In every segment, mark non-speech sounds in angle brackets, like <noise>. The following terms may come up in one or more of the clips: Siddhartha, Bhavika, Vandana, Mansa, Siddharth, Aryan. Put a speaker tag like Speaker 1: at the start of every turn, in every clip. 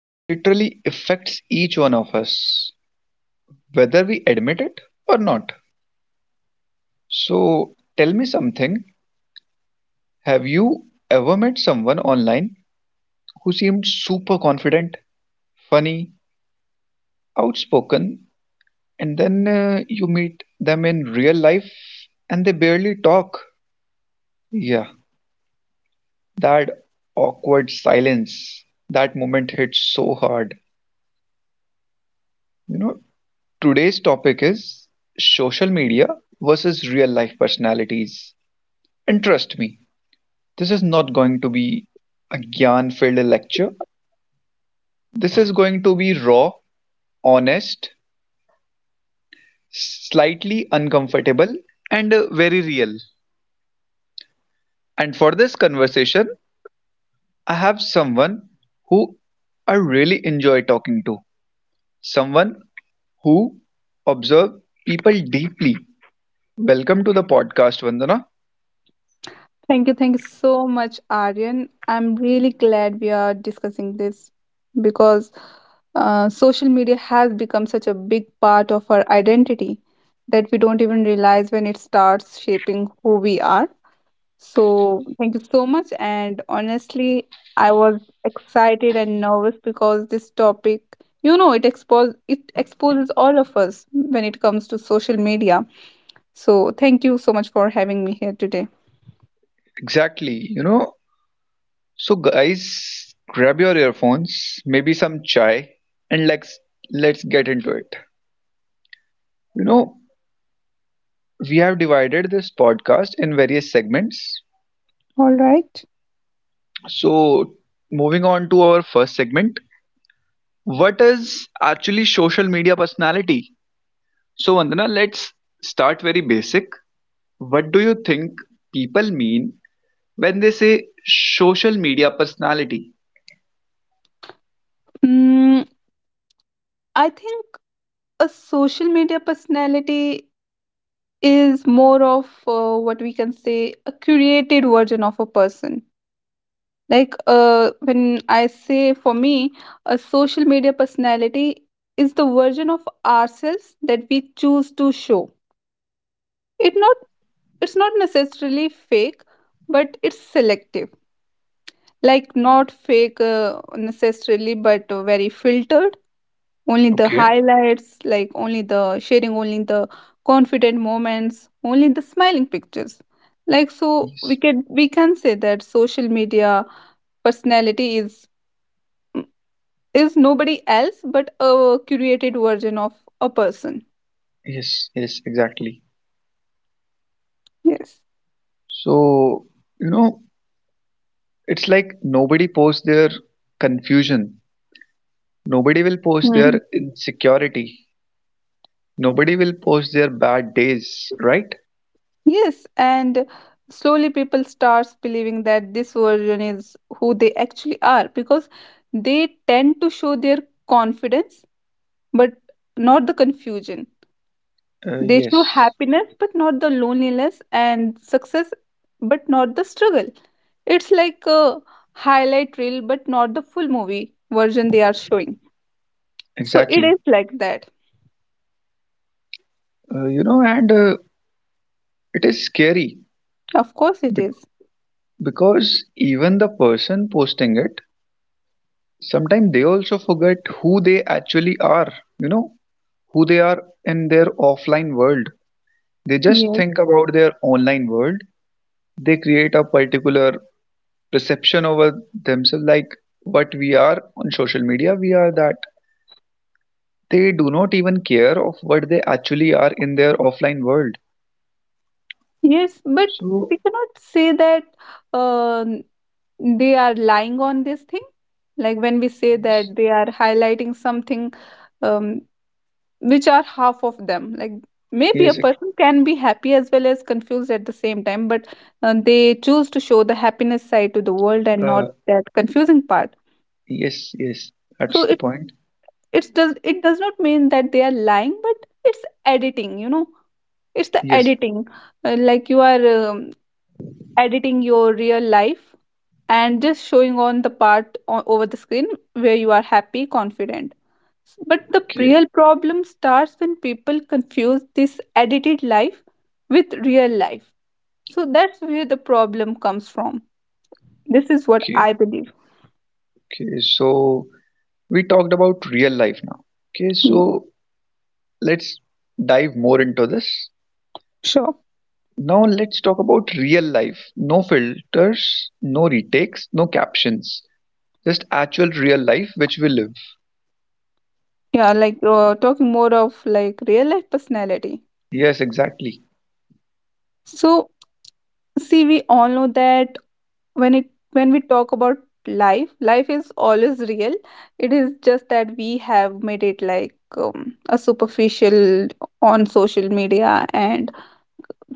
Speaker 1: that literally affects each one of us, whether we admit it or not. So, tell me something. Have you ever met someone online who seemed super confident, funny, outspoken, and then you meet them in real life and they barely talk? Yeah. That awkward silence, that moment hits so hard. You know, today's topic is social media versus real life personalities. And trust me, this is not going to be a gyan filled lecture. This is going to be raw, honest, slightly uncomfortable, and very real. And for this conversation, I have someone who I really enjoy talking to. Someone who observe people deeply. Welcome to the podcast, Vandana.
Speaker 2: Thank you. Thank you so much, Aryan. I'm really glad we are discussing this because social media has become such a big part of our identity that we don't even realize when it starts shaping who we are. So, thank you so much. And honestly, I was excited and nervous because this topic, it exposes all of us when it comes to social media. So, thank you so much for having me here today.
Speaker 1: Exactly. You know, so guys, grab your earphones, maybe some chai, and let's get into it. You know, we have divided this podcast in various segments.
Speaker 2: All right.
Speaker 1: So, moving on to our first segment, what is actually social media personality? So, Vandana, let's start very basic. What do you think people mean when they say social media personality?
Speaker 2: Mm, I think a social media personality is more of what we can say a curated version of a person. Like when I say for me, a social media personality is the version of ourselves that we choose to show. It not it's not necessarily fake, but it's selective. Like not fake necessarily, but very filtered, only the
Speaker 1: Okay.
Speaker 2: highlights, like only the sharing, only the confident moments, only the smiling pictures. Like so, we
Speaker 1: Yes,
Speaker 2: can we can say that social media personality is nobody else but a curated version of a person.
Speaker 1: yes, yes, exactly.
Speaker 2: Yes.
Speaker 1: So, you know, it's like nobody posts their confusion, nobody will post
Speaker 2: Hmm.
Speaker 1: their insecurity, nobody will post their bad days, right?
Speaker 2: Yes, and slowly people starts believing that this version is who they actually are because they tend to show their confidence, but not the confusion. They show
Speaker 1: Yes,
Speaker 2: happiness, but not the loneliness, and success, but not the struggle. It's like a highlight reel, but not the full movie version they are showing. So it
Speaker 1: exactly.
Speaker 2: is like that.
Speaker 1: You know, and it is scary,
Speaker 2: Of course, it
Speaker 1: bec-
Speaker 2: is.
Speaker 1: because even the person posting it, sometimes they also forget who they actually are, you know, who they are in their offline world. They just
Speaker 2: Yes.
Speaker 1: think about their online world. They create a particular perception over themselves, like what we are on social media, we are that. They do not even care of what they actually are in their offline world.
Speaker 2: Yes, but
Speaker 1: So,
Speaker 2: we cannot say that uh, they are lying on this thing. Like when we say
Speaker 1: yes,
Speaker 2: that they are highlighting something, um, which are half of them, like maybe a
Speaker 1: yes,
Speaker 2: person can be happy as well as confused at the same time, but they choose to show the happiness side to the world and
Speaker 1: uh,
Speaker 2: not that confusing part.
Speaker 1: yes, yes,
Speaker 2: So
Speaker 1: that's the
Speaker 2: it
Speaker 1: point.
Speaker 2: it's does it does not mean that they are lying, but it's editing, it's the
Speaker 1: Yes,
Speaker 2: editing. Like you are editing your real life and just showing on the over the screen where you are happy, confident. But the
Speaker 1: okay,
Speaker 2: real problem starts when people confuse this edited life with real life. So that's where the problem comes from. This is what
Speaker 1: okay,
Speaker 2: I believe.
Speaker 1: okay. So, we talked about real life now. Okay,
Speaker 2: Mm.
Speaker 1: so let's dive more into this.
Speaker 2: Sure.
Speaker 1: Now let's talk about real life. No filters, no retakes, no captions. Just actual real life which we live.
Speaker 2: Yeah, like talking more of like real life personality.
Speaker 1: Yes, exactly.
Speaker 2: So, see, we all know that when it when we talk about life, life is always real. It is just that we have made it like a superficial on social media and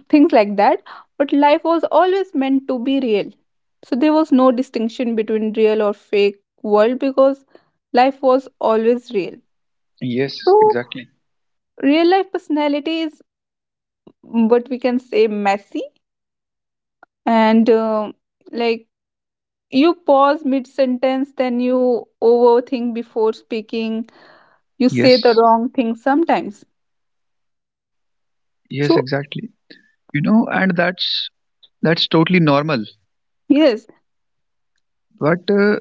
Speaker 2: things like that. But life was always meant to be real. So there was no distinction between real or fake world because life was always real.
Speaker 1: Yes,
Speaker 2: So
Speaker 1: exactly.
Speaker 2: real life personality is, mm, what we can say, messy and like you pause mid sentence, then you overthink before speaking. You say the
Speaker 1: Yes.
Speaker 2: wrong thing sometimes.
Speaker 1: Yes,
Speaker 2: So,
Speaker 1: exactly. You know, and that's totally normal.
Speaker 2: yes,
Speaker 1: But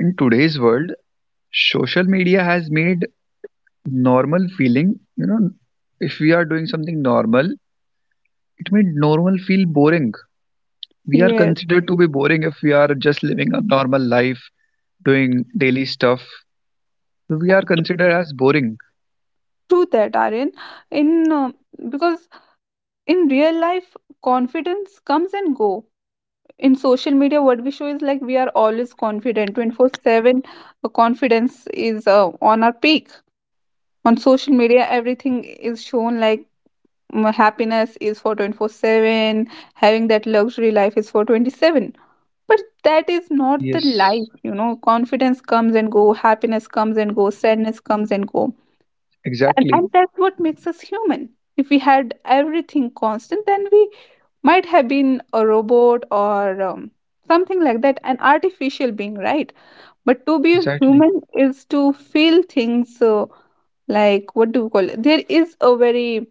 Speaker 1: in today's world, social media has made normal feeling, you know, if we are doing something normal, it made normal feel boring. We are
Speaker 2: yes,
Speaker 1: considered to be boring if we are just living a normal life doing daily stuff, we are considered as boring.
Speaker 2: true that, Aryan. In because in real life, confidence comes and go. In social media, what we show is like we are always confident. 24/7 confidence is on our peak. On social media, everything is shown like, mm, happiness is for 24/7, having that luxury life is for 27, but that is not the
Speaker 1: Yes,
Speaker 2: life. You know, confidence comes and go, happiness comes and go, sadness comes and go. And
Speaker 1: exactly,
Speaker 2: that's what makes us human. If we had everything constant, then we might have been a robot or something like that, an artificial being, right? But to be
Speaker 1: exactly.
Speaker 2: human is to feel things, like what do we call it, there is a very,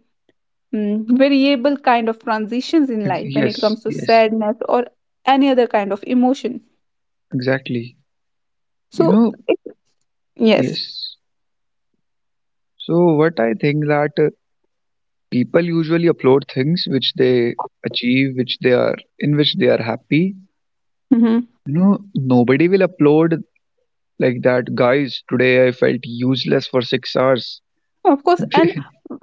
Speaker 2: mm, variable kind of transitions in life when
Speaker 1: Yes,
Speaker 2: it comes to
Speaker 1: yes,
Speaker 2: sadness or any other kind of emotion.
Speaker 1: exactly. You
Speaker 2: So
Speaker 1: know,
Speaker 2: yes.
Speaker 1: yes. So what I think that people usually upload things which they achieve, which they are in which they are happy.
Speaker 2: Hmm.
Speaker 1: You know, nobody will upload like that. Guys, today I felt useless for 6 hours.
Speaker 2: Of course,
Speaker 1: <laughs>
Speaker 2: and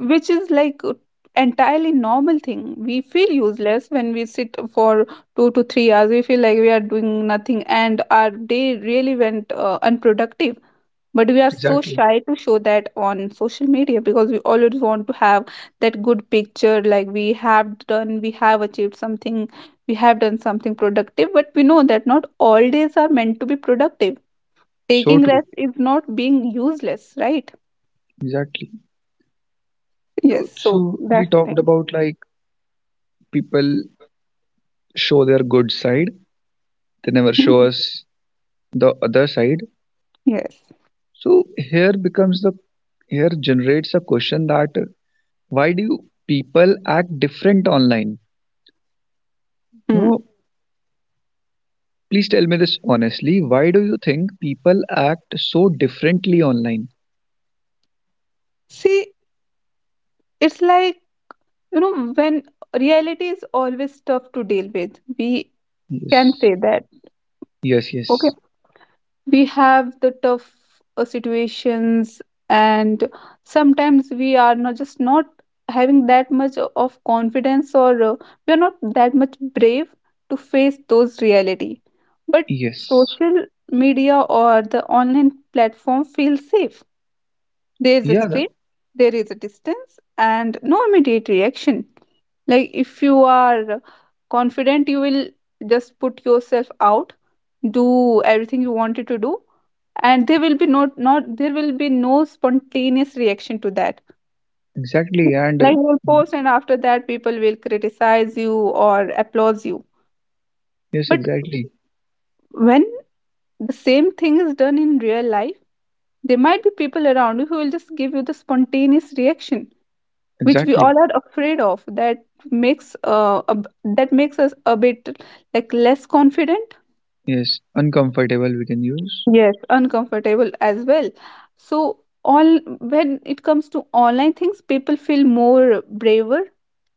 Speaker 2: which is like entirely normal thing. We feel useless when we sit for 2 to 3 hours. We feel like we are doing nothing, and our day really went unproductive. But we are so
Speaker 1: Exactly.
Speaker 2: shy to show that on social media because we always want to have that good picture. Like we have done, we have achieved something, we have done something productive. But we know that not all days are meant to be productive.
Speaker 1: So
Speaker 2: Taking
Speaker 1: true.
Speaker 2: rest is not being useless, right?
Speaker 1: Exactly. You
Speaker 2: Yes,
Speaker 1: know,
Speaker 2: so
Speaker 1: so we
Speaker 2: that's the
Speaker 1: talked
Speaker 2: thing. <laughs>
Speaker 1: about like people show their good side, they never show
Speaker 2: Mhm.
Speaker 1: us the other side.
Speaker 2: Yes.
Speaker 1: So here becomes the here generates a question that why do people act different online?
Speaker 2: Mm.
Speaker 1: No, please tell me this honestly, why do you think people act so differently online?
Speaker 2: See, it's like, you know, when reality is always tough to deal with, we can
Speaker 1: Yes,
Speaker 2: say that.
Speaker 1: yes,
Speaker 2: Okay.
Speaker 1: yes,
Speaker 2: We have the tough situations, and sometimes we are not just not having that much of confidence or we are not that much brave to face those reality. But
Speaker 1: yes,
Speaker 2: social media or the online platform feels safe. There is a
Speaker 1: yeah,
Speaker 2: screen,
Speaker 1: that,
Speaker 2: there is a distance, and no immediate reaction. Like if you are confident, you will just put yourself out, do everything you wanted to do, and there will be not not there will be no spontaneous reaction to that.
Speaker 1: exactly, and
Speaker 2: Like you will post, and after that, people will criticize you or applaud you.
Speaker 1: yes,
Speaker 2: But
Speaker 1: exactly,
Speaker 2: when the same thing is done in real life, there might be people around you who will just give you the spontaneous reaction which we
Speaker 1: exactly,
Speaker 2: all are afraid of. That makes that makes us a bit like less confident,
Speaker 1: yes, uncomfortable we can use.
Speaker 2: yes, uncomfortable as well. So all, when it comes to online things, people feel more braver,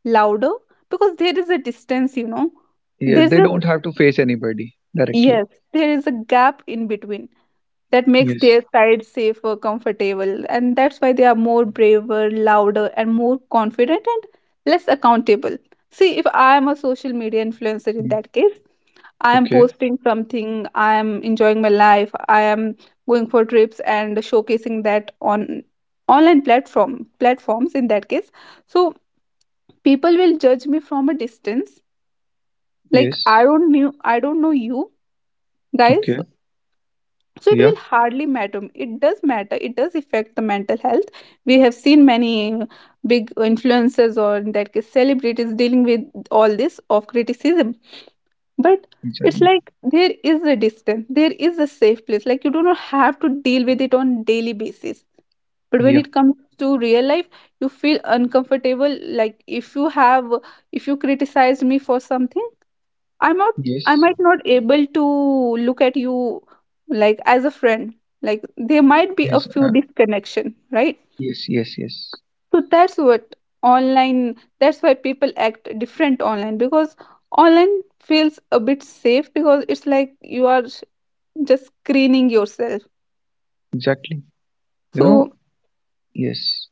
Speaker 2: louder, because there is a distance, you know,
Speaker 1: Yes,
Speaker 2: there's
Speaker 1: they
Speaker 2: a
Speaker 1: don't have to face anybody directly.
Speaker 2: yes, there is a gap in between that makes
Speaker 1: Yes.
Speaker 2: their side safer, comfortable, and that's why they are more braver, louder, and more confident and less accountable. See, if I am a social media influencer, in that case, I am
Speaker 1: Okay.
Speaker 2: posting something, I am enjoying my life, I am going for trips and showcasing that on online platform platforms, in that case. So people will judge me from a distance. Like
Speaker 1: Yes.
Speaker 2: I don't know you guys,
Speaker 1: Okay.
Speaker 2: so it
Speaker 1: Yeah.
Speaker 2: will hardly matter. It does matter, it does affect the mental health. We have seen many uh, big influencers or in that case celebrities dealing with all this of criticism, but it's
Speaker 1: Exactly.
Speaker 2: like there is a distance, there is a safe place, like you do not have to deal with it on daily basis. But when
Speaker 1: Yeah.
Speaker 2: it comes to real life, you feel uncomfortable. Like if you criticize me for something, I'm not, I
Speaker 1: Yes.
Speaker 2: might not able to look at you like as a friend. Like there might be a
Speaker 1: Yes.
Speaker 2: few disconnection, right?
Speaker 1: Yes. Yes. Yes.
Speaker 2: So that's what online, that's why people act different online, because online feels a bit safe because it's like you are just screening yourself.
Speaker 1: Exactly. You know.
Speaker 2: So,
Speaker 1: Yes.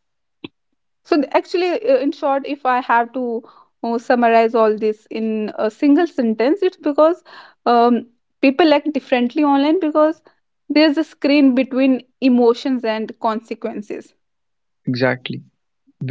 Speaker 2: so actually, in short, if I have to summarize all this in a single sentence, it's because um, people act differently online because there's a screen between emotions and consequences.
Speaker 1: Exactly.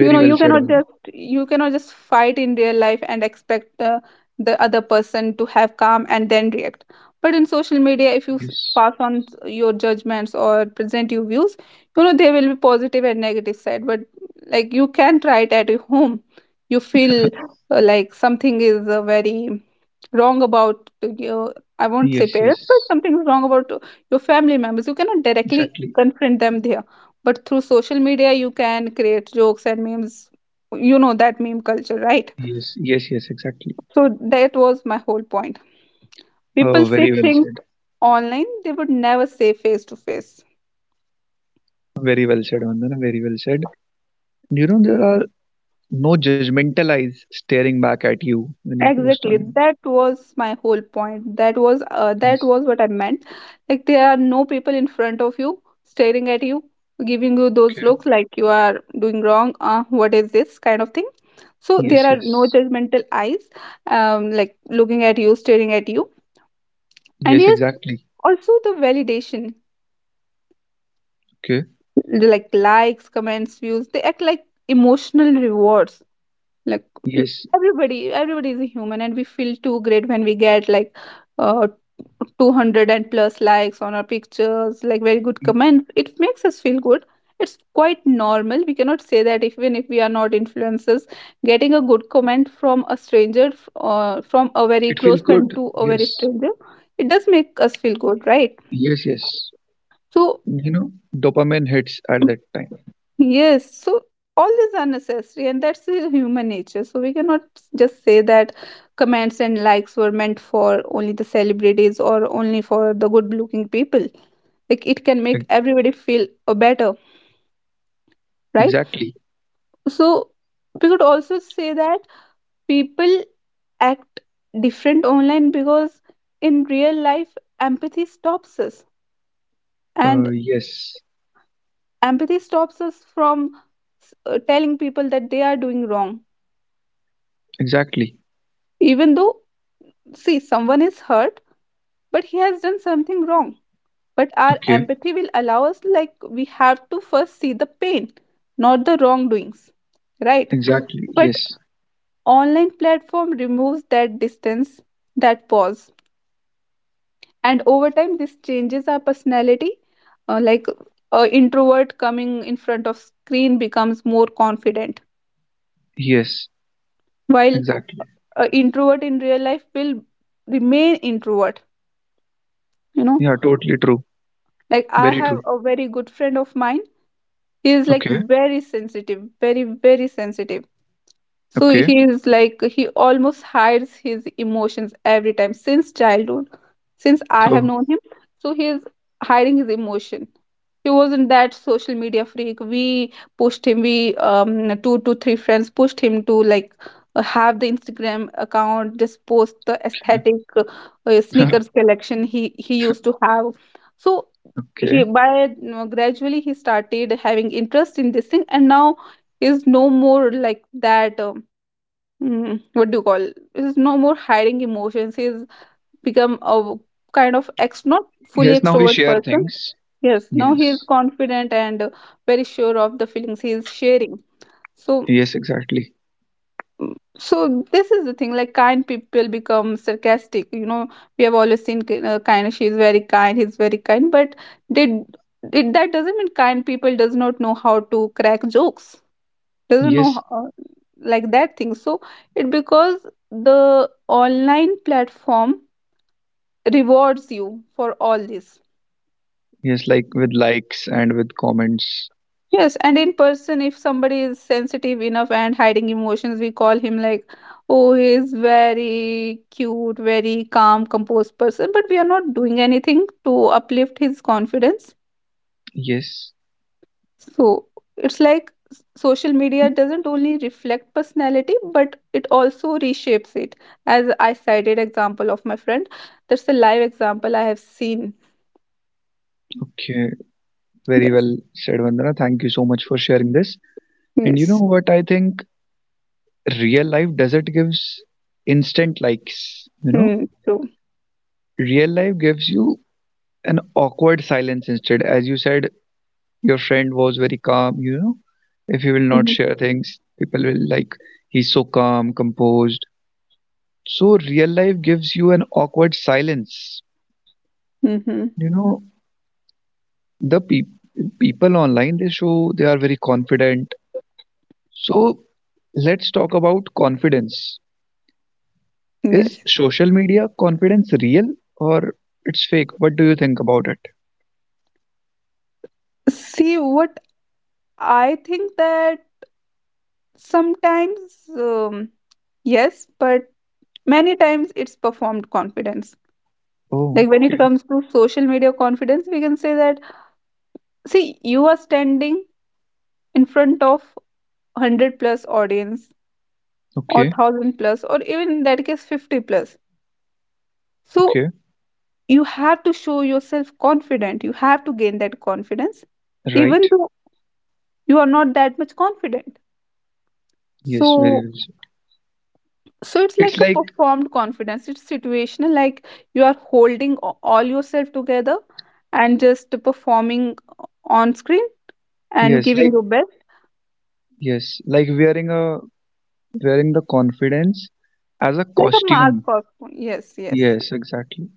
Speaker 2: You know,
Speaker 1: well said. Valla.
Speaker 2: you cannot just fight in real life and expect the other person to have calm and then react. But in social media, if you
Speaker 1: Yes.
Speaker 2: pass on your judgments or present your views, you know there will be positive and negative side. But like you can try it at your home. You feel like something is very wrong about your, I won't say
Speaker 1: Yes.
Speaker 2: parents, but
Speaker 1: Yes.
Speaker 2: something is wrong about your family members. You cannot directly
Speaker 1: Exactly.
Speaker 2: confront them there, but through social media you can create jokes and memes. You know that meme culture, right?
Speaker 1: Yes. Yes. Yes. Exactly.
Speaker 2: So that was my whole point. People say
Speaker 1: Very well
Speaker 2: things
Speaker 1: said.
Speaker 2: online they would never say face to face.
Speaker 1: Very well said, Vandana. Very well said. You know there are no judgmental eyes staring back at you when you post
Speaker 2: Exactly,
Speaker 1: online.
Speaker 2: that was my whole point. That was that
Speaker 1: Yes.
Speaker 2: was what I meant. Like there are no people in front of you staring at you, giving you those
Speaker 1: Okay.
Speaker 2: looks like you are doing wrong, what is this kind of thing. So
Speaker 1: Yes.
Speaker 2: there are no
Speaker 1: Yes.
Speaker 2: judgmental eyes, like looking at you, staring at you, and
Speaker 1: Yes.
Speaker 2: yes,
Speaker 1: Exactly.
Speaker 2: also the validation.
Speaker 1: Okay.
Speaker 2: Like likes, comments, views, they act like emotional rewards. Like n-
Speaker 1: Yes.
Speaker 2: everybody, everybody is a human, and we feel too great when we get like uh 200 plus likes on our pictures, like very good comment, it makes us feel good. It's quite normal. We cannot say that even if we are not influencers, getting a good comment from a stranger, from a very
Speaker 1: It feels
Speaker 2: close friend
Speaker 1: good.
Speaker 2: to a very
Speaker 1: Yes.
Speaker 2: stranger, it does make us feel good, right?
Speaker 1: Yes, yes.
Speaker 2: So
Speaker 1: You know, dopamine hits at that time.
Speaker 2: yes, so all these are necessary, and that's the human nature. So we cannot just say that comments and likes were meant for only the celebrities or only for the good looking people. Like it can make
Speaker 1: Ex-
Speaker 2: everybody feel better, right?
Speaker 1: Exactly.
Speaker 2: So we could also say that people act different online because in real life, empathy stops us, and
Speaker 1: Yes.
Speaker 2: empathy stops us from telling people that they are doing wrong,
Speaker 1: Exactly.
Speaker 2: even though see someone is hurt but he has done something wrong, but our
Speaker 1: Okay.
Speaker 2: empathy will allow us, like, we have to first see the pain, not the wrongdoings, right?
Speaker 1: Exactly.
Speaker 2: But
Speaker 1: Yes.
Speaker 2: online platform removes that distance, that pause, and over time this changes our personality. Like a introvert coming in front of screen becomes more confident,
Speaker 1: Yes.
Speaker 2: while
Speaker 1: Exactly.
Speaker 2: a introvert in real life will remain introvert, you know.
Speaker 1: Yeah, totally true.
Speaker 2: Like, I
Speaker 1: Very
Speaker 2: have
Speaker 1: true.
Speaker 2: a very good friend of mine. He is like
Speaker 1: Okay.
Speaker 2: very sensitive, very, very sensitive. So
Speaker 1: Okay.
Speaker 2: he's like he almost hides his emotions every time since childhood, since I have
Speaker 1: So,
Speaker 2: known him. So he's hiding his emotion. He wasn't that social media freak. We pushed him. We, 2 to 3 friends pushed him to, like, have the Instagram account, just post the aesthetic
Speaker 1: <laughs>
Speaker 2: sneakers collection he used to have. So
Speaker 1: okay.
Speaker 2: he, by you know, gradually he started having interest in this thing, and now is no more like that. What do you call, is no more hiding emotions, he's become a kind of ex not fully
Speaker 1: Yes, now we
Speaker 2: extrovert
Speaker 1: share
Speaker 2: person.
Speaker 1: things.
Speaker 2: Yes, now he is
Speaker 1: Yes.
Speaker 2: confident and very sure of the feelings he is sharing. So,
Speaker 1: Yes, exactly.
Speaker 2: so this is the thing, like kind people become sarcastic, you know. We have always seen kind, she is very kind, he's very kind, but did it, that doesn't mean kind people does not know how to crack jokes, doesn't know
Speaker 1: Yes.
Speaker 2: how, like that thing. So it because the online platform rewards you for all this.
Speaker 1: Yes, like with likes and with comments.
Speaker 2: Yes, and in person if somebody is sensitive enough and hiding emotions we call him like, oh he is very cute, very calm, composed person, but we are not doing anything to uplift his confidence.
Speaker 1: Yes.
Speaker 2: So it's like social media doesn't only reflect personality, but it also reshapes it. As I cited example of my friend, that's a live example I have seen.
Speaker 1: Okay. Very
Speaker 2: Yes,
Speaker 1: well said, Vandana. Thank you so much for sharing this. And you know
Speaker 2: yes.
Speaker 1: what I think? Real life doesn't gives instant likes, you know.
Speaker 2: Hmm, true.
Speaker 1: Real life gives you an awkward silence instead, as you said. Your friend was very calm, you know, if you will not share things people will like, he's so calm composed. So real life gives you an awkward silence,
Speaker 2: Mm-hmm.
Speaker 1: you know, the people online they show they are very confident. So let's talk about confidence. Is
Speaker 2: Yes.
Speaker 1: social media confidence real or it's fake? What do you think about it?
Speaker 2: See, what I think that sometimes, yes, but many times it's performed confidence. Like
Speaker 1: Oh,
Speaker 2: when it
Speaker 1: okay,
Speaker 2: comes to social media confidence, we can say that, see, you are standing in front of 100 plus audience or
Speaker 1: okay,
Speaker 2: 1000 plus or even in that case 50 plus, so
Speaker 1: okay.
Speaker 2: you have to show yourself confident, you have to gain that confidence even
Speaker 1: Right.
Speaker 2: though you are not that much confident.
Speaker 1: Yes, very
Speaker 2: So,
Speaker 1: well said.
Speaker 2: so it's
Speaker 1: It's
Speaker 2: like a
Speaker 1: like,
Speaker 2: performed confidence, it's situational. Like you are holding all yourself together and just performing on screen and
Speaker 1: yes,
Speaker 2: giving
Speaker 1: like,
Speaker 2: your best,
Speaker 1: yes, like wearing the confidence as a
Speaker 2: like a mask,
Speaker 1: costume.
Speaker 2: costume, yes, yes.
Speaker 1: Yes, exactly.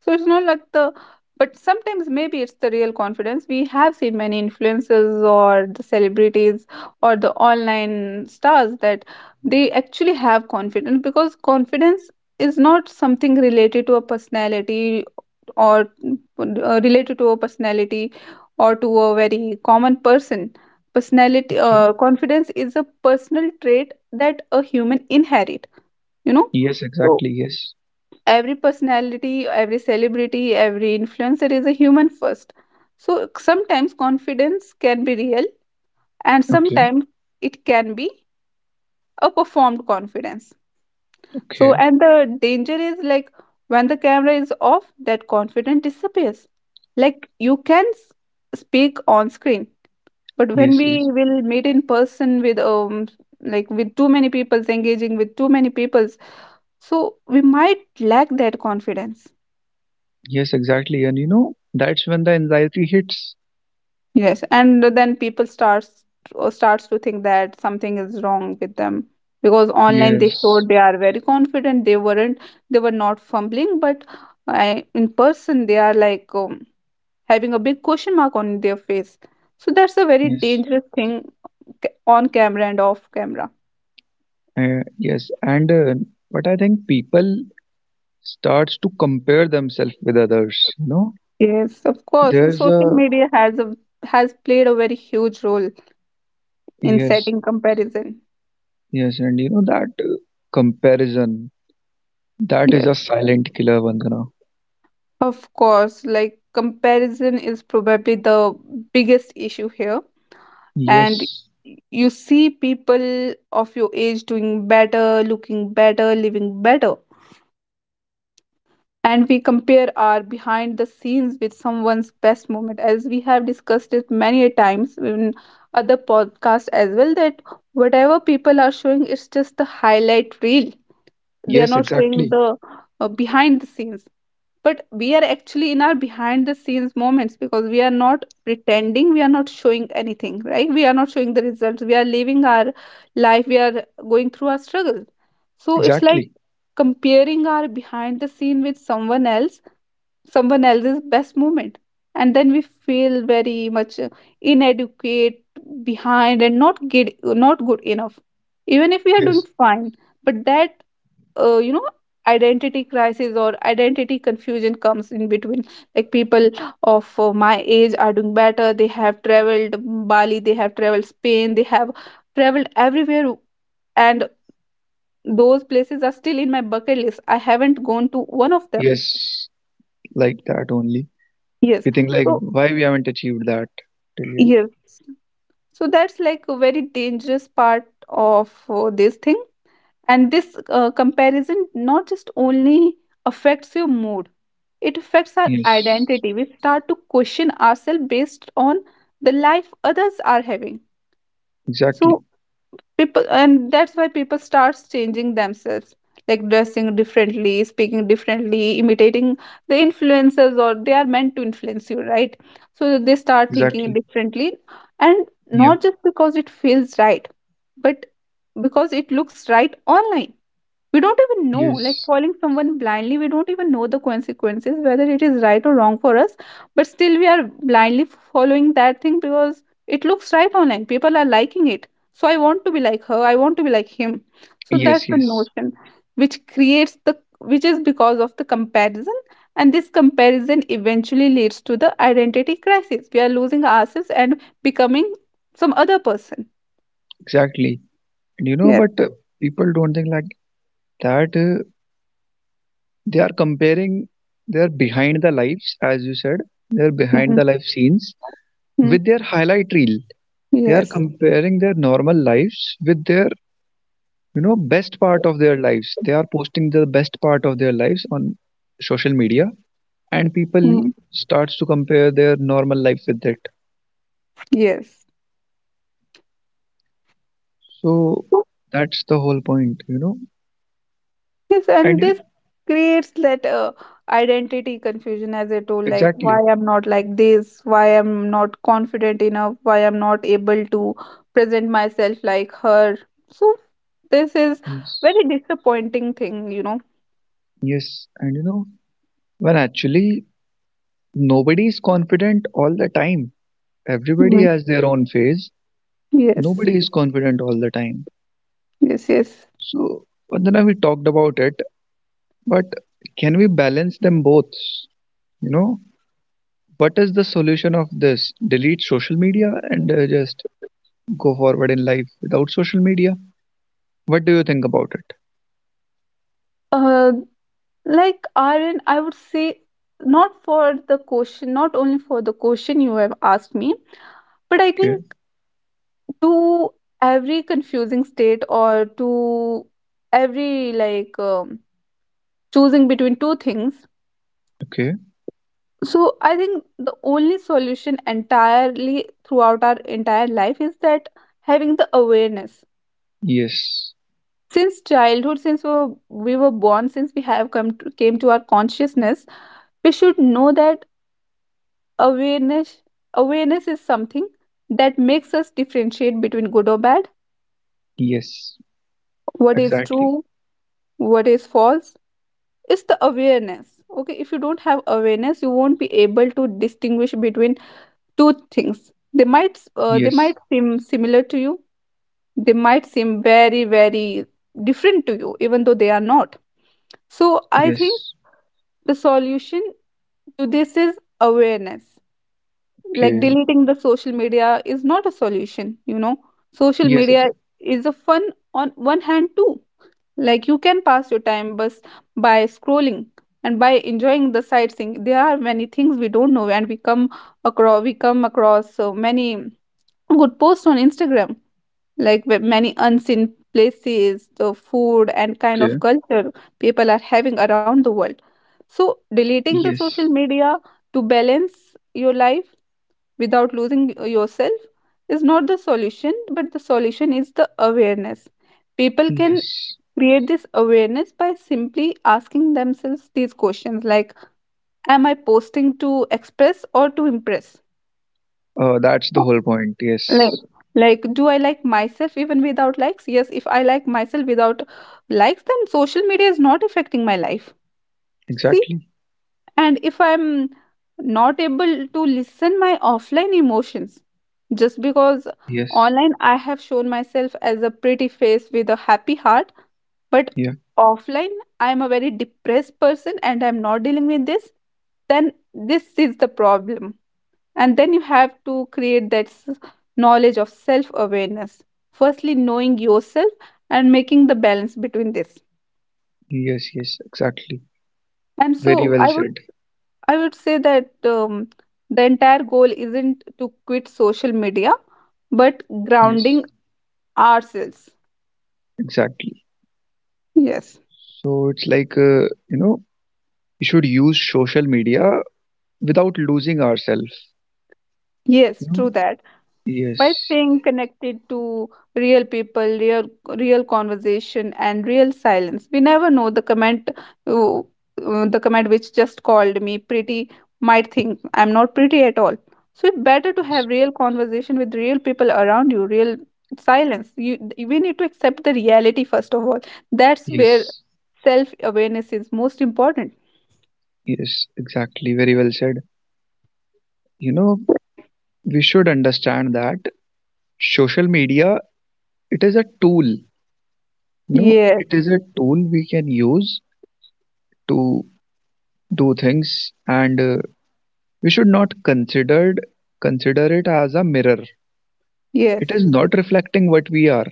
Speaker 2: So it's not like the, but sometimes maybe it's the real confidence. We have seen many influencers or the celebrities or the online stars that they actually have confidence, because confidence is not something related to a personality or related to a personality or to a very common person. Personality
Speaker 1: Okay.
Speaker 2: Confidence is a personal trait that a human inherit, you know?
Speaker 1: Yes, exactly. Yes.
Speaker 2: Every personality, every celebrity, every influencer is a human first. So sometimes confidence can be real and
Speaker 1: Okay.
Speaker 2: sometimes it can be a performed confidence. So,
Speaker 1: Okay.
Speaker 2: and the danger is like when the camera is off, that confidence disappears. Like you can speak on screen, but when
Speaker 1: Yes,
Speaker 2: we
Speaker 1: yes.
Speaker 2: will meet in person with like with too many people, engaging with too many people, so we might lack that confidence.
Speaker 1: Yes, exactly. And you know, that's when the anxiety hits.
Speaker 2: Yes, and then people starts or starts to think that something is wrong with them because online they
Speaker 1: Yes.
Speaker 2: showed they are very confident. They weren't. They were not fumbling, but I, in person they are like having a big question mark on their face. So that's a very
Speaker 1: Yes.
Speaker 2: dangerous thing, on camera and off camera.
Speaker 1: Yes. And but I think people starts to compare themselves with others, you know,
Speaker 2: Yes, of course.
Speaker 1: there's
Speaker 2: Social
Speaker 1: a.
Speaker 2: media has a, has played a very huge role in
Speaker 1: Yes,
Speaker 2: setting comparison.
Speaker 1: yes. And you know that comparison, that is
Speaker 2: Yes.
Speaker 1: a silent killer, Vandana.
Speaker 2: Of course, like comparison is probably the biggest issue here. And
Speaker 1: Yes,
Speaker 2: you see people of your age doing better, looking better, living better. And we compare our behind the scenes with someone's best moment, as we have discussed it many a times in other podcasts as well. That whatever people are showing is just the highlight reel, they are
Speaker 1: yes,
Speaker 2: not showing
Speaker 1: exactly,
Speaker 2: the behind the scenes, but we are actually in our behind the scenes moments because we are not pretending, we are not showing anything, right, we are not showing the results, we are living our life, we are going through our struggles. So it's like
Speaker 1: exactly.
Speaker 2: comparing our behind the scene with someone else, someone else's best moment, and then we feel very much inadequate, behind and not good, not good enough, even if we are doing
Speaker 1: Yes,
Speaker 2: fine. But that, you know, identity crisis or identity confusion comes in between. Like people of my age are doing better, they have traveled Bali, they have traveled Spain, they have traveled everywhere, and those places are still in my bucket list, I haven't gone to one of them.
Speaker 1: yes, like that only,
Speaker 2: Yes.
Speaker 1: we think like
Speaker 2: So
Speaker 1: why we haven't achieved that till yet.
Speaker 2: yes, so that's like a very dangerous part of this thing. And this comparison not just only affects your mood, it affects our
Speaker 1: Yes,
Speaker 2: identity, we start to question ourselves based on the life others are having.
Speaker 1: exactly,
Speaker 2: So people, and that's why people starts changing themselves, like dressing differently, speaking differently, imitating the influencers, or they are meant to influence you, right? So they start thinking
Speaker 1: exactly.
Speaker 2: differently, and
Speaker 1: Yeah,
Speaker 2: not just because it feels right, but because it looks right online. We don't even know, like
Speaker 1: yes,
Speaker 2: following someone blindly, we don't even know the consequences whether it is right or wrong for us, but still we are blindly following that thing because it looks right online, people are liking it. So I want to be like her, I want to be like him. So that's
Speaker 1: yes,
Speaker 2: the
Speaker 1: yes,
Speaker 2: notion which creates the, which is because of the comparison. And this comparison eventually leads to the identity crisis, we are losing ourselves and becoming some other person.
Speaker 1: exactly. And you know
Speaker 2: Yes.
Speaker 1: but people don't think like that, they are comparing their behind the lives, as you said, their behind
Speaker 2: Mhm.
Speaker 1: the life scenes
Speaker 2: Mm.
Speaker 1: with their highlight reel. They are
Speaker 2: Yes.
Speaker 1: comparing their normal lives with their, you know, best part of their lives. They are posting the best part of their lives on social media, and people
Speaker 2: Mm.
Speaker 1: starts to compare their normal life with it.
Speaker 2: Yes,
Speaker 1: So that's the whole point, you know.
Speaker 2: Yes,
Speaker 1: And
Speaker 2: and
Speaker 1: you-
Speaker 2: this creates that identity confusion, as I told, like why
Speaker 1: exactly,
Speaker 2: I'm not like this, why I'm not confident enough, why I'm not able to present myself like her. So this is
Speaker 1: yes,
Speaker 2: very disappointing thing, you know.
Speaker 1: yes, and you know, when actually nobody is confident all the time. Everybody
Speaker 2: Mhm.
Speaker 1: has their own phase.
Speaker 2: Yes,
Speaker 1: Nobody is confident all the time.
Speaker 2: yes, yes.
Speaker 1: So, Vandana, we talked about it, but can we balance them both? You know, what is the solution of this? Delete social media and just go forward in life without social media? What do you think about it?
Speaker 2: Uh, like Aaron, I would say not for the question, not only for the question you have asked me, but I
Speaker 1: Okay,
Speaker 2: think to every confusing state or to every, like, choosing between two things.
Speaker 1: okay.
Speaker 2: So I think the only solution entirely throughout our entire life is that having the awareness
Speaker 1: Yes,
Speaker 2: since childhood, since we were born, since we have come to, came to our consciousness, we should know that awareness, awareness is something that makes us differentiate between good or bad,
Speaker 1: yes,
Speaker 2: what is
Speaker 1: exactly.
Speaker 2: true, what is false. It's the awareness. Okay, if you don't have awareness you won't be able to distinguish between two things, they
Speaker 1: Yes,
Speaker 2: might seem similar to you, they might seem very, very different to you even though they are not. So I think
Speaker 1: yes,
Speaker 2: the solution to this is awareness. Like
Speaker 1: okay.
Speaker 2: deleting the social media is not a solution, you know. Social
Speaker 1: Yes,
Speaker 2: media
Speaker 1: exactly.
Speaker 2: is a fun on one hand too, like you can pass your time bus by scrolling and by enjoying the sightseeing. There are many things we don't know, and we come across, we come across so many good posts on Instagram, like with many unseen places, the food and kind of
Speaker 1: Okay.
Speaker 2: culture people are having around the world. So deleting the
Speaker 1: Yes,
Speaker 2: social media to balance your life without losing yourself is not the solution, but the solution is the awareness. People can
Speaker 1: yes.
Speaker 2: create this awareness by simply asking themselves these questions like, am I posting to express or to impress?
Speaker 1: That's the whole point.
Speaker 2: like
Speaker 1: Yes,
Speaker 2: like do I like myself even without likes? Yes, if I like myself without likes then social media is not affecting my life. See,
Speaker 1: exactly.
Speaker 2: and if I'm not able to listen my offline emotions just because
Speaker 1: Yes.
Speaker 2: online I have shown myself as a pretty face with a happy heart, but
Speaker 1: Yeah.
Speaker 2: offline I'm a very depressed person and I'm not dealing with this, then this is the problem. And then you have to create that knowledge of self awareness, firstly knowing yourself and making the balance between this.
Speaker 1: Yes, yes, exactly.
Speaker 2: And so
Speaker 1: Very well
Speaker 2: i
Speaker 1: said.
Speaker 2: I would say that, the entire goal isn't to quit social media, but grounding
Speaker 1: Yes,
Speaker 2: ourselves.
Speaker 1: exactly.
Speaker 2: Yes,
Speaker 1: So it's like, you know, we should use social media without losing ourselves. You
Speaker 2: yes,
Speaker 1: know?
Speaker 2: true that. By
Speaker 1: Yes,
Speaker 2: staying connected to real people, real, real conversation and real silence. We never know the comment, the comment which just called me pretty might think I'm not pretty at all. So it's better to
Speaker 1: yes,
Speaker 2: have real conversation with real people around you, real silence you, we need to accept the reality first of all, that's where
Speaker 1: yes,
Speaker 2: self awareness is most important.
Speaker 1: yes, exactly. Very well said. You know, we should understand that social media, it is a tool. You know,
Speaker 2: Yes,
Speaker 1: it is a tool we can use to do things, and we should not consider it as a mirror. It
Speaker 2: yes,
Speaker 1: is not reflecting what we are.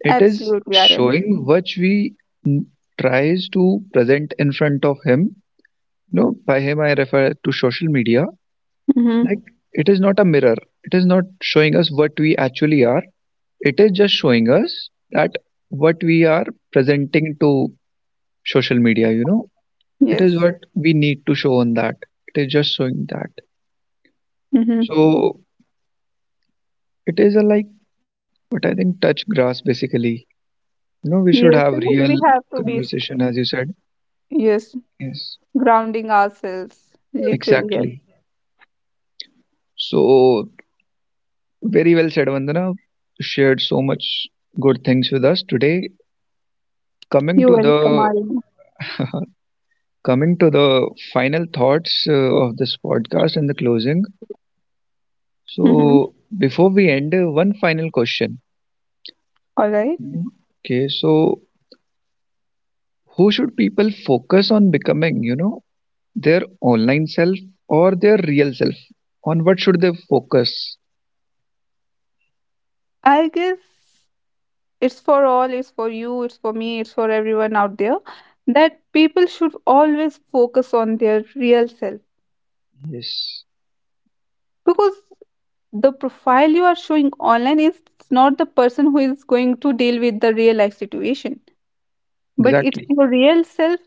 Speaker 1: It is
Speaker 2: absolutely Aryan.
Speaker 1: showing which we mm, tries to present in front of him. No, by him I refer to social media.
Speaker 2: Mm-hmm.
Speaker 1: Like it is not a mirror. It is not showing us what we actually are. It is just showing us that what we are presenting to social media. You know, it is
Speaker 2: Yes.
Speaker 1: what we need to show on that. It is just showing that.
Speaker 2: Mm-hmm.
Speaker 1: So it is a like what I think touch grass basically. You know, we should
Speaker 2: Yes,
Speaker 1: have
Speaker 2: and
Speaker 1: real
Speaker 2: we have to be,
Speaker 1: conversation as you said.
Speaker 2: yes,
Speaker 1: Yes,
Speaker 2: grounding ourselves, literally, yes.
Speaker 1: exactly. So, very well said, Vandana. Shared so much good things with us today. Coming
Speaker 2: You're
Speaker 1: to
Speaker 2: welcome,
Speaker 1: the
Speaker 2: Aryan.
Speaker 1: <laughs> Coming to the final thoughts of this podcast and the closing.
Speaker 2: Mm-hmm.
Speaker 1: So, before we end, one final question.
Speaker 2: All right.
Speaker 1: Okay, so who should people focus on becoming? You know, their online self or their real self? On what should they focus?
Speaker 2: I guess it's for all, it's for you, it's for me, it's for everyone out there, that people should always focus on their real self,
Speaker 1: Yes,
Speaker 2: because the profile you are showing online is not the person who is going to deal with the real life situation, but it's
Speaker 1: exactly.
Speaker 2: your real self.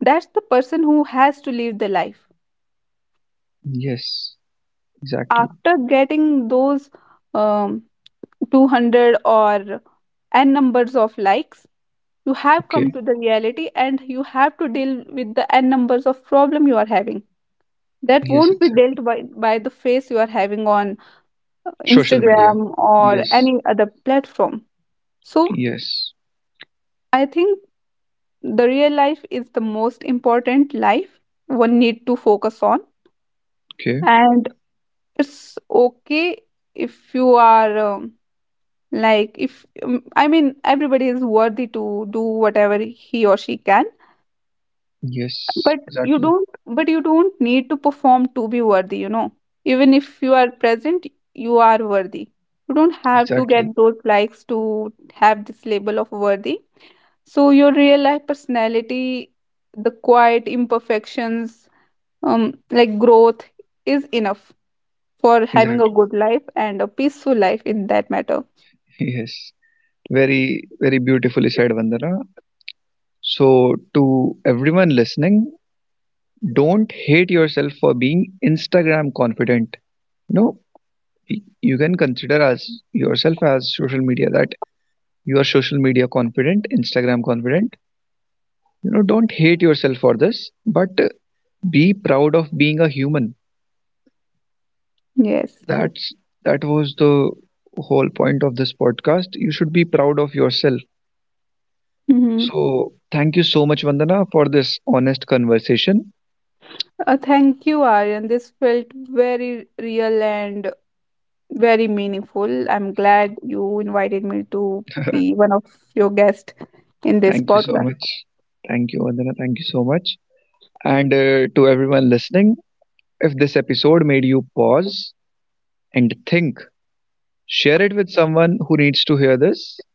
Speaker 2: That's the person who has to live the life.
Speaker 1: Yes, exactly.
Speaker 2: After getting those, um, 200 or n numbers of likes, you have come
Speaker 1: Okay.
Speaker 2: to the reality and you have to deal with the n numbers of problem you are having, that
Speaker 1: Yes,
Speaker 2: won't be
Speaker 1: exactly.
Speaker 2: dealt by the face you are having on
Speaker 1: Social media.
Speaker 2: Instagram or
Speaker 1: Yes.
Speaker 2: any other platform. So
Speaker 1: Yes.
Speaker 2: I think the real life is the most important life one need to focus on.
Speaker 1: Okay.
Speaker 2: And it's okay if you are, like, if, I mean everybody is worthy to do whatever he or she can,
Speaker 1: Yes.
Speaker 2: but you
Speaker 1: Exactly.
Speaker 2: don't, but you don't need to perform to be worthy, you know. Even if you are present, you are worthy, you don't have to
Speaker 1: Exactly.
Speaker 2: get those likes to have this label of worthy. So your real life personality, the quiet imperfections, like growth, is enough for having a
Speaker 1: Exactly.
Speaker 2: good life and a peaceful life in that matter.
Speaker 1: <laughs> Yes. Very, very beautifully said, Vandana. So, to everyone listening, don't hate yourself for being Instagram confident. No, you can consider as yourself as social media that you are social media confident, Instagram confident. You know, don't hate yourself for this, but be proud of being a human.
Speaker 2: Yes.
Speaker 1: That's that was the whole point of this podcast. You should be proud of yourself.
Speaker 2: Mhm.
Speaker 1: So thank you so much, Vandana, for this honest conversation.
Speaker 2: Thank you, Aryan. This felt very real and very meaningful. I'm glad you invited me to be one of your guests in this
Speaker 1: Thank you so
Speaker 2: podcast.
Speaker 1: much. Thank you, Vandana. Thank you so much. And to everyone listening, if this episode made you pause and think, share it with someone who needs to hear this.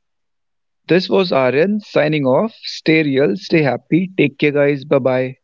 Speaker 1: This was Aryan signing off. Stay real, stay happy. Take care, guys. Bye bye.